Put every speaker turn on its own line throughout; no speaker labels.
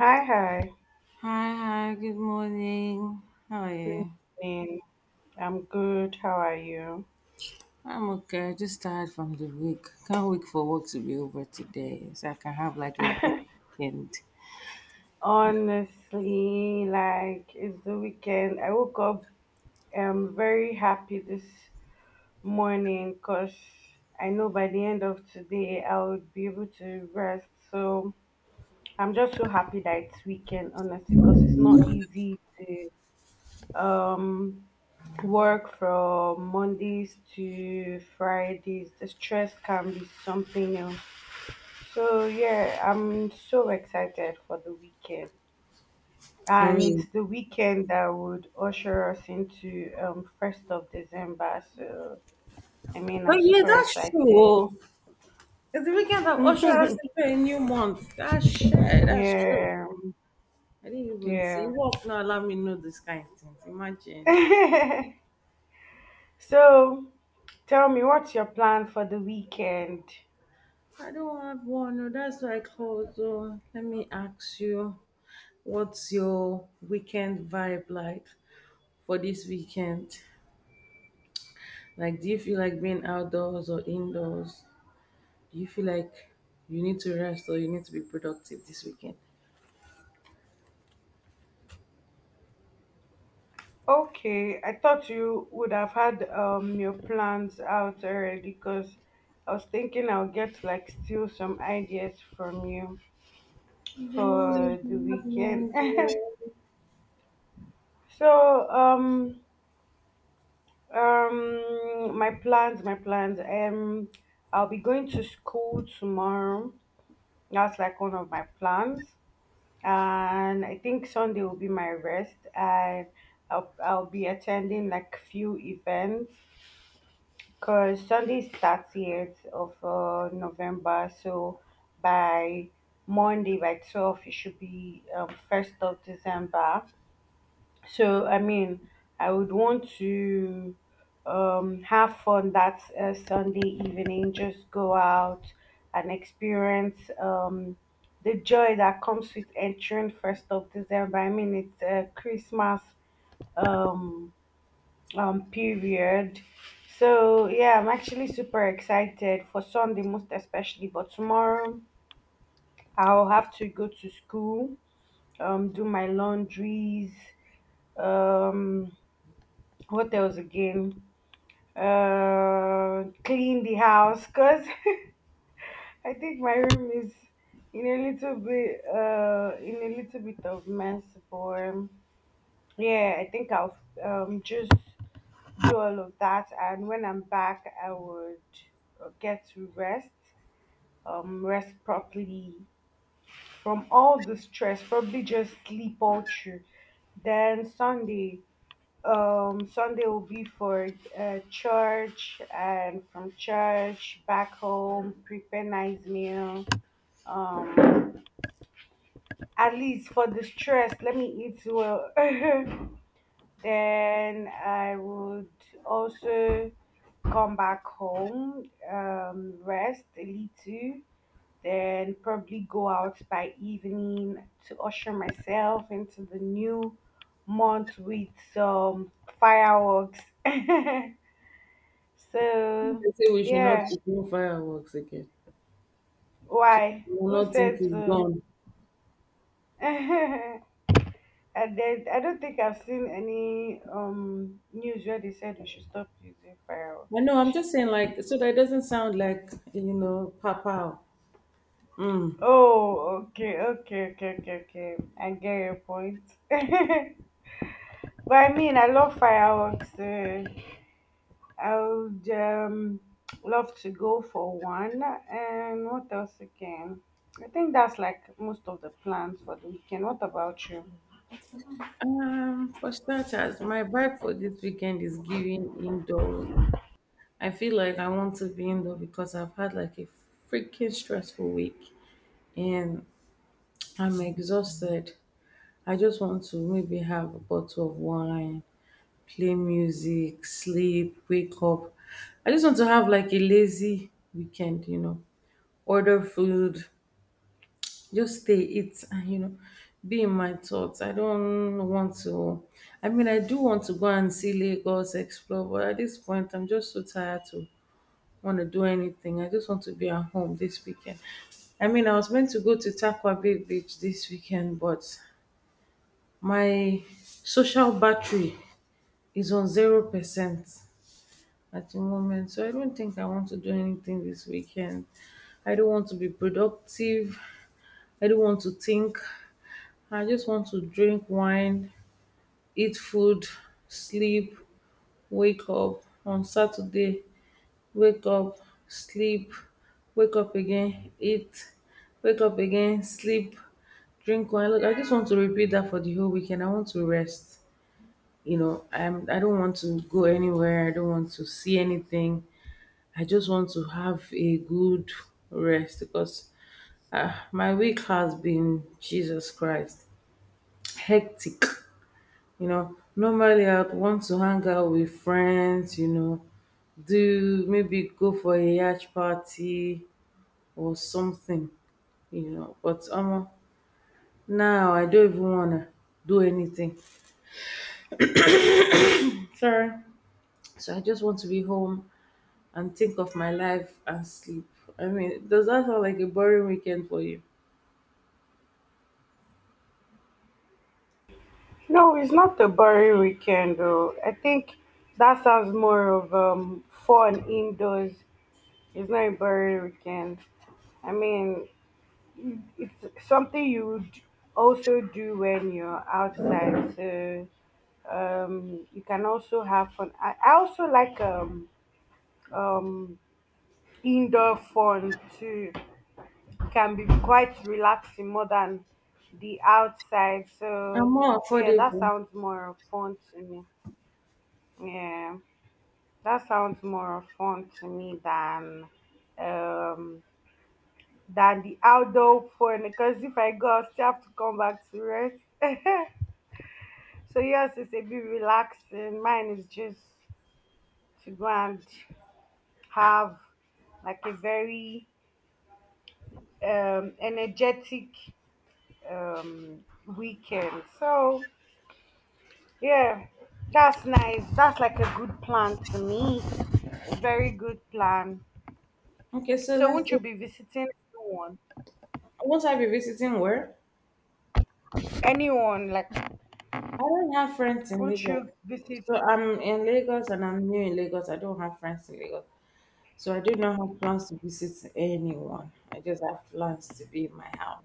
Hi, hi.
Hi, hi, good morning. How are
Good
you?
morning. I'm good. How are you?
I'm okay. Just tired from the week. Can't wait for work to be over today so I can have like a good weekend.
Honestly, like it's the weekend. I woke up very happy this morning because I know by the end of today I would be able to rest. So I'm just so happy that it's weekend, honestly, because it's not easy to um work from Mondays to Fridays. The stress can be something else. So yeah, I'm so excited for the weekend,
For
and
real.
it's the weekend that would usher us into 1st of December. So I mean,
Oh,
I'm
yeah,
super
that's true.
excited.
Oh, it's the weekend that ushered us into a new month. That's shit. That's true.
Yeah,
I didn't even see.
yeah.
Work now allow me know this kind of things. Imagine.
So tell me, what's your plan for the weekend?
I don't have one. Oh, that's why I called. So let me ask you, what's your weekend vibe like for this weekend? Like, do you feel like being outdoors or indoors? Do you feel like you need to rest or you need to be productive this weekend?
Okay, I thought you would have had your plans out already because I was thinking I'll get like steal some ideas from you
The morning,
for the
you have
weekend.
laundry.
So my plans. I'll be going to school tomorrow. That's like one of my plans. And I think Sunday will be my rest and I'll be attending like few events because Sunday is 30th of November. So by Monday, by 12, it should be 1st of December. So I mean, I would want to have fun that Sunday evening. Just go out and experience the joy that comes with entering 1st of December. I mean, it's a Christmas um, period. So yeah, I'm actually super excited for Sunday, most especially. But tomorrow, I'll have to go to school, do my laundries. Um, what else again? Clean the house because I think my room is in a little bit of mess. For Yeah, I think I'll just do all of that, and when I'm back, I would get to rest properly from all the stress. Probably just sleep all through. Then Sunday. Sunday will be for church, and from church back home, prepare nice meal. Um, at least for the stress, let me eat well. Then I would also come back home, rest a little, then probably go out by evening to usher myself into the new month with some fireworks. So
They say we should not
yeah,
be doing fireworks again. So
why?
we will
Who
not think
said
it's
so?
gone.
I did. I don't think I've seen any news where they said we should stop using fireworks.
I know, I'm
Sha.
just saying, like, so that it doesn't sound like, pow pow. Mm.
Oh, okay, okay, okay, okay, okay. I get your point. But I mean, I love fireworks. I would love to go for one. And what else again? I think that's like most of the plans for the weekend. What about you?
For starters, my vibe for this weekend is giving indoors. I feel like I want to be indoor because I've had like a freaking stressful week. And I'm exhausted. I just want to maybe have a bottle of wine, play music, sleep, wake up. I just want to have like a lazy weekend, order food, just stay, eat, and be in my thoughts. I don't want to, I mean, I do want to go and see Lagos, explore, but at this point, I'm just so tired to want to do anything. I just want to be at home this weekend. I mean, I was meant to go to Takwa Bay Beach this weekend, but my social battery is on 0% at the moment, so I don't think I want to do anything this weekend. I don't want to be productive. I don't want to think. I just want to drink wine, eat food, sleep, wake up. On Saturday, wake up, sleep, wake up again, eat, wake up again, sleep, drink wine. Look, I just want to repeat that for the whole weekend. I want to rest. I don't want to go anywhere, I don't want to see anything, I just want to have a good rest because my week has been Jesus Christ hectic. You know, normally I'd want to hang out with friends, you know, do, maybe go for a yacht party or something, you know, but now I don't even wanna do anything, sorry, so I just want to be home and think of my life and sleep. I mean, does that sound like a boring weekend for you?
No, it's not a boring weekend though. I think that sounds more of fun indoors. It's not a boring weekend. I mean, it's something you would also do when you're outside. So you can also have fun. I also like um indoor fun too. It can be quite relaxing more than the outside.
And
So
more
yeah, that
affordable.
sounds more fun to me. Yeah. That sounds more fun to me um than the outdoor fun because if I go I still have to come back to rest. So yours is a bit relaxing. Mine is just to go and have like a very energetic um weekend. So yeah, that's nice. That's like a good plan to me. Very good plan.
Okay, so
So
let's.
won't you be visiting anyone?
Won't I be visiting where?
Anyone, like,
I don't have friends in
won't
Lagos.
you visit?
So I'm in Lagos and I'm new in Lagos. I don't have friends in Lagos. So I do not have plans to visit anyone. I just have plans to be in my house.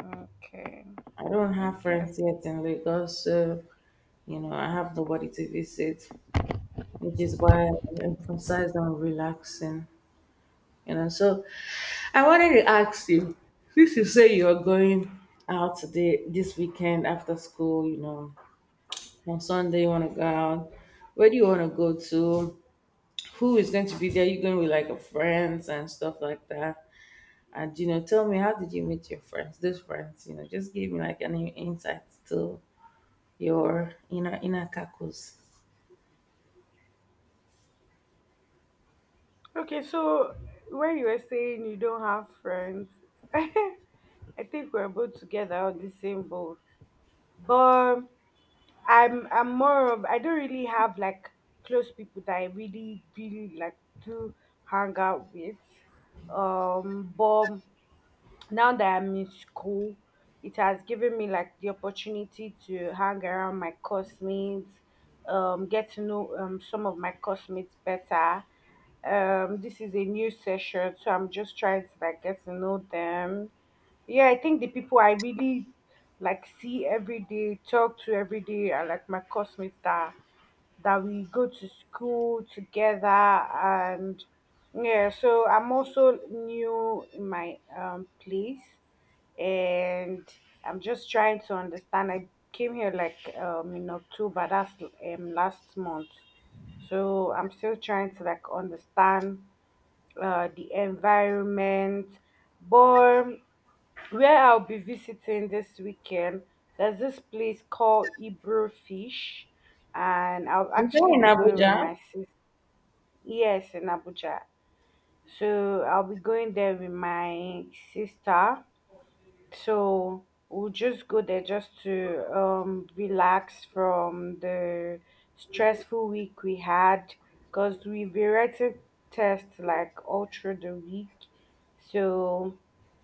Okay.
I don't have
Okay.
friends yet in Lagos. So, I have nobody to visit, which is why I emphasize on relaxing. So I wanted to ask you, since you say you are going out today this weekend after school, on Sunday you want to go out. Where do you want to go to? Who is going to be there? You going with like a friends and stuff like that. And tell me, how did you meet your friends? Those friends, just give me like any insights to your inner cacos.
Okay, so when you were saying you don't have friends, I think we're both together on the same boat. But I'm more of I don't really have like close people that I really really like to hang out with. But now that I'm in school, it has given me like the opportunity to hang around my classmates, get to know some of my classmates better. This is a new session, so I'm just trying to like get to know them. Yeah, I think the people I really like see every day, talk to every day are like my classmates that we go to school together. And yeah, so I'm also new in my place, and I'm just trying to understand. I came here like in October. That's last month. So I'm still trying to like understand the environment. But where I'll be visiting this weekend, there's this place called Ebro Fish, and I'll
Is there
actually
in
be going with
Abuja?
my sister. Yes, in Abuja. So I'll be going there with my sister. So we'll just go there just to relax from the stressful week we had because we've been writing tests like all through the week. So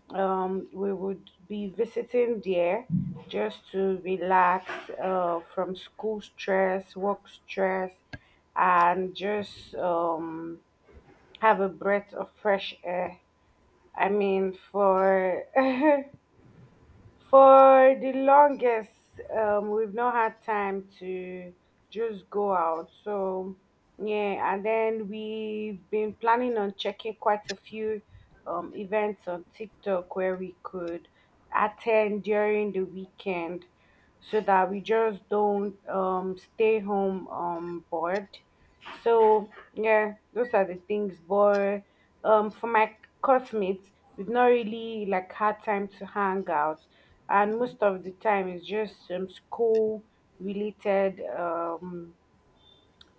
we would be visiting there just to relax from school stress, work stress, and just have a breath of fresh air. I mean, for for the longest, we've not had time to just go out. So yeah, and then we've been planning on checking quite a few events on TikTok where we could attend during the weekend so that we just don't stay home bored. So yeah, those are the things. But for my classmates, we've not really like had time to hang out, and most of the time it's just school related.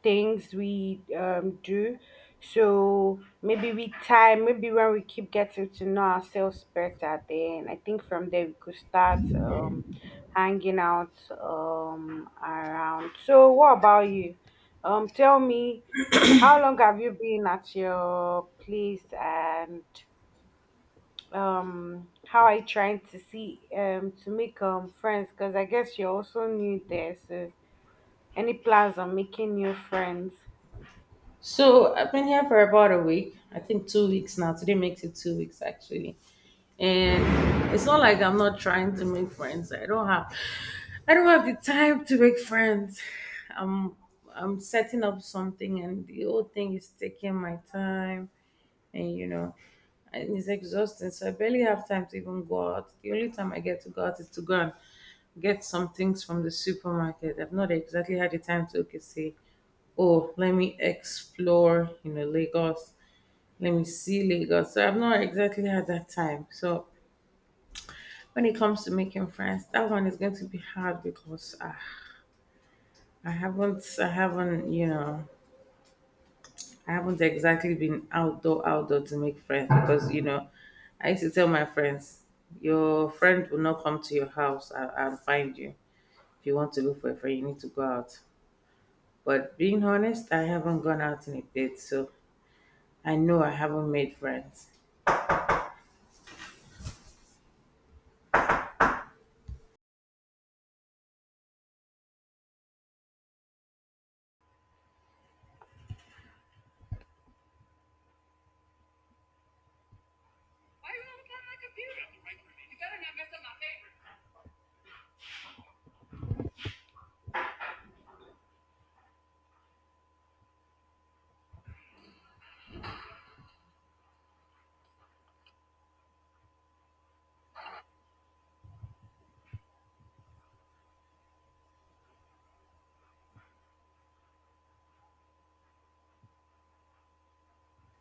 Things we do. So maybe with time, maybe when we keep getting to know ourselves better, then I think from there we could start hanging out around. So what about you? Tell me, how long have you been at your place, and how are you trying to see to make friends? Because I guess you're also new there. So any plans on making new friends?
So I've been here for about a week. I think two weeks now. Today makes it two weeks actually. And it's not like I'm not trying to make friends. I don't have the time to make friends. I'm I'm setting up something and the whole thing is taking my time, and it's exhausting, so I barely have time to even go out. The only time I get to go out is to go and get some things from the supermarket. I've not exactly had the time to, okay, say, oh, let me explore, Lagos, let me see Lagos. So I've not exactly had that time. So when it comes to making friends, that one is going to be hard because, ah, I haven't, you know, I haven't exactly been outdoor to make friends because you know, I used to tell my friends, your friend will not come to your house and find you. If you want to look for a friend, you need to go out. But being honest, I haven't gone out in a bit, so I know I haven't made friends.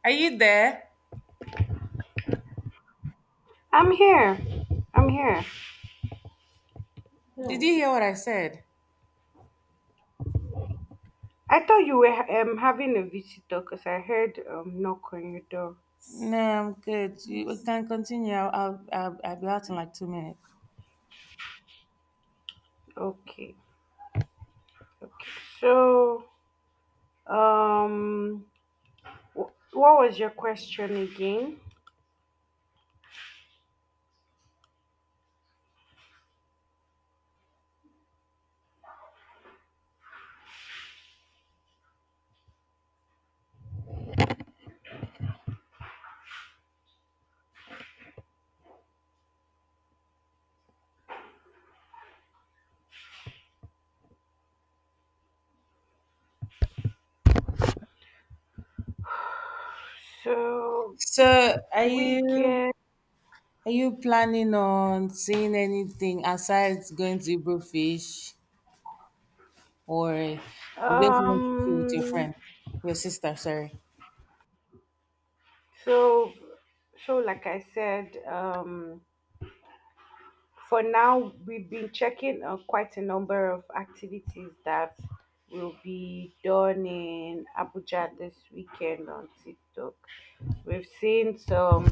Are you there?
I'm here. I'm here.
Did you hear what I said?
I thought you were having a visitor because I heard knock on your door.
No, I'm good. You, we can continue. I'll be out in like two minutes.
Okay. Okay. So um, what was your question again? So
So, are
we
you?
can
Are you planning on seeing anything aside going to Hebrew fish, or you just want to chill with your
um
friend, your sister? Sorry.
so like I said, for now we've been checking quite a number of activities that will be done in Abuja this weekend on TikTok. We've seen some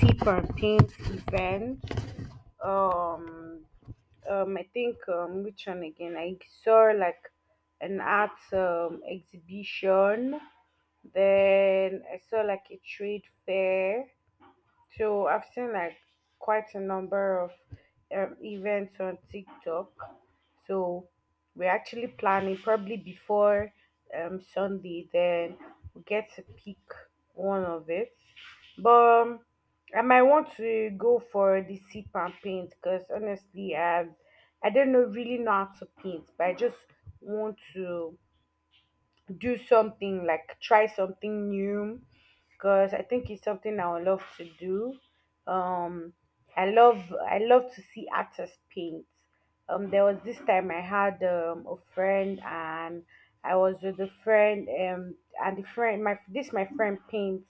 sip and paint events. um I think, which one again? I saw like an art exhibition. Then I saw like a trade fair. So I've seen like quite a number of events on TikTok. So we're actually planning probably before Sunday, then we get to pick one of it. But I might want to go for the sip and paint because honestly, I do not know really know how to paint, but I just want to do something like try something new because I think it's something I would love to do. Um, I love to see actors paint. There was this time I had a friend, and I was with a friend, and the friend my this my friend paints.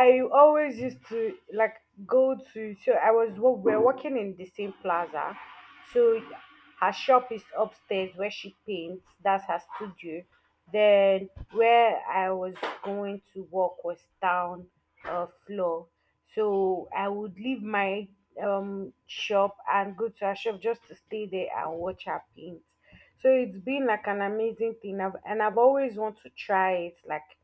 I always used to like go to. We're working in the same plaza. So her shop is upstairs where she paints, that's her studio. Then where I was going to work was down, floor. So I would leave my shop and go to her shop just to stay there and watch her paint. So it's been like an amazing thing. And I've always want to try it. Like,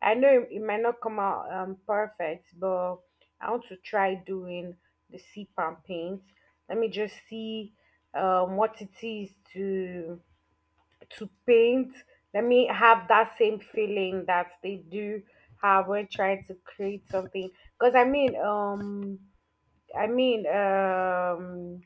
I know it might not come out perfect, but I want to try doing the sea and paint. Let me just see what it is to paint. Let me have that same feeling that they do have when trying to create something. Because I mean,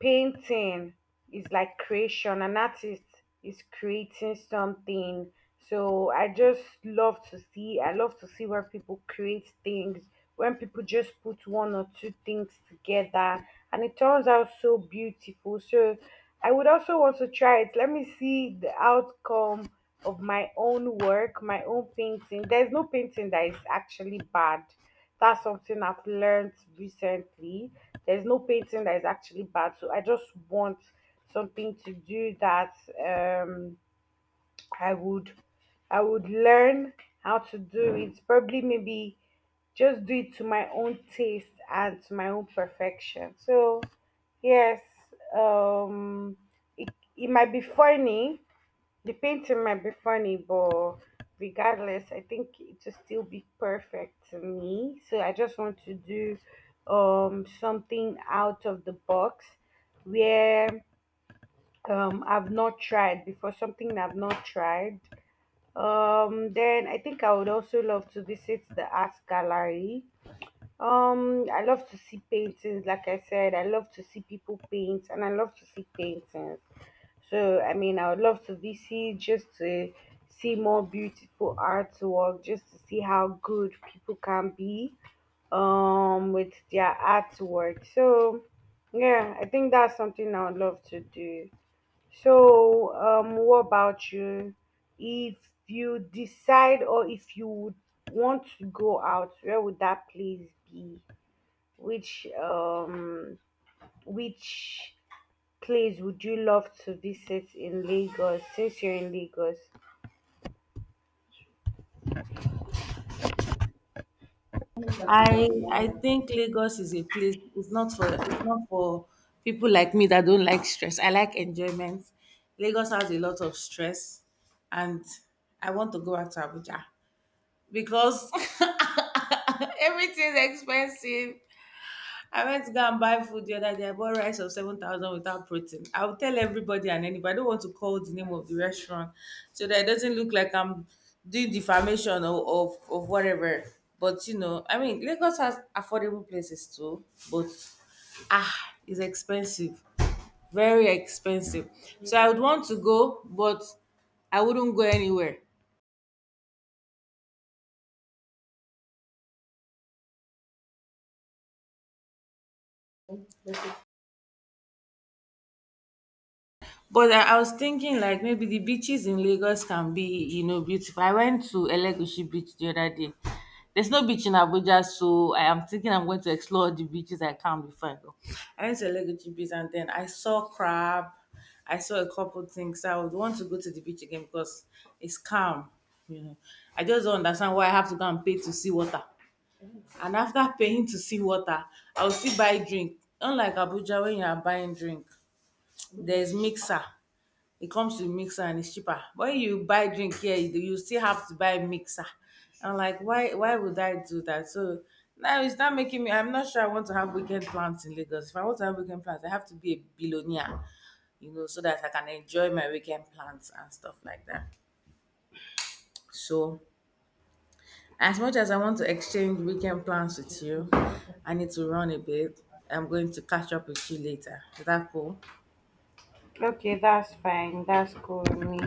painting is like creation. An artist is creating something. So I just love to see. I love to see where people create things. When people just put one or two things together, and it turns out so beautiful. So I would also want to try it. Let me see the outcome of my own work, my own painting. There's no painting that is actually bad. That's something I've learned recently. There's no painting that is actually bad. So I just want something to do that um I would I would learn how to do it. Probably maybe just do it to my own taste and to my own perfection. So yes, um it, it might be funny. The painting might be funny, but regardless, I think it will still be perfect to me. So I just want to do something out of the box where I've not tried before, something I've not tried. Then I think I would also love to visit the art gallery. I love to see paintings. Like I said, I love to see people paint, and I love to see paintings. So, I mean, I would love to visit just to see more beautiful artwork, just to see how good people can be, with their artwork. So, yeah, I think that's something I would love to do. So, what about you? If you decide or if you would want to go out, where would that place be? Which um, which place would you love to visit in Lagos since you're in Lagos?
I think Lagos is a place. It's not for people like me that don't like stress. I like enjoyment. Lagos has a lot of stress, and I want to go out to Abuja because everything's expensive. I went to go and buy food the other day. I bought rice of 7,000 without protein. I'll tell everybody and anybody. I don't want to call the name of the restaurant so that it doesn't look like I'm doing defamation or of whatever. But, I mean, Lagos has affordable places too, but, ah, it's expensive. Very expensive. So I would want to go, but I wouldn't go anywhere. But I was thinking like maybe the beaches in Lagos can be, beautiful. I went to Elegushi Beach the other day. There's no beach in Abuja, so I am thinking I'm going to explore the beaches I can before I go. I went to Elegushi Beach and then I saw crab. I saw a couple things. So I would want to go to the beach again because it's calm, you know. I just don't understand why I have to go and pay to see water. And after paying to see water, I'll still buy drink. Unlike Abuja, when you are buying drink, there's mixer. It comes with mixer and it's cheaper. But when you buy drink here, you still have to buy mixer. I'm like, why would I do that? So now it's not making me, I'm not sure I want to have weekend plans in Lagos. If I want to have weekend plans, I have to be a billionaire, so that I can enjoy my weekend plans and stuff like that. So as much as I want to exchange weekend plans with you, I need to run a bit. I'm going to catch up with you later. Is that cool?
Okay, that's fine. That's cool with me.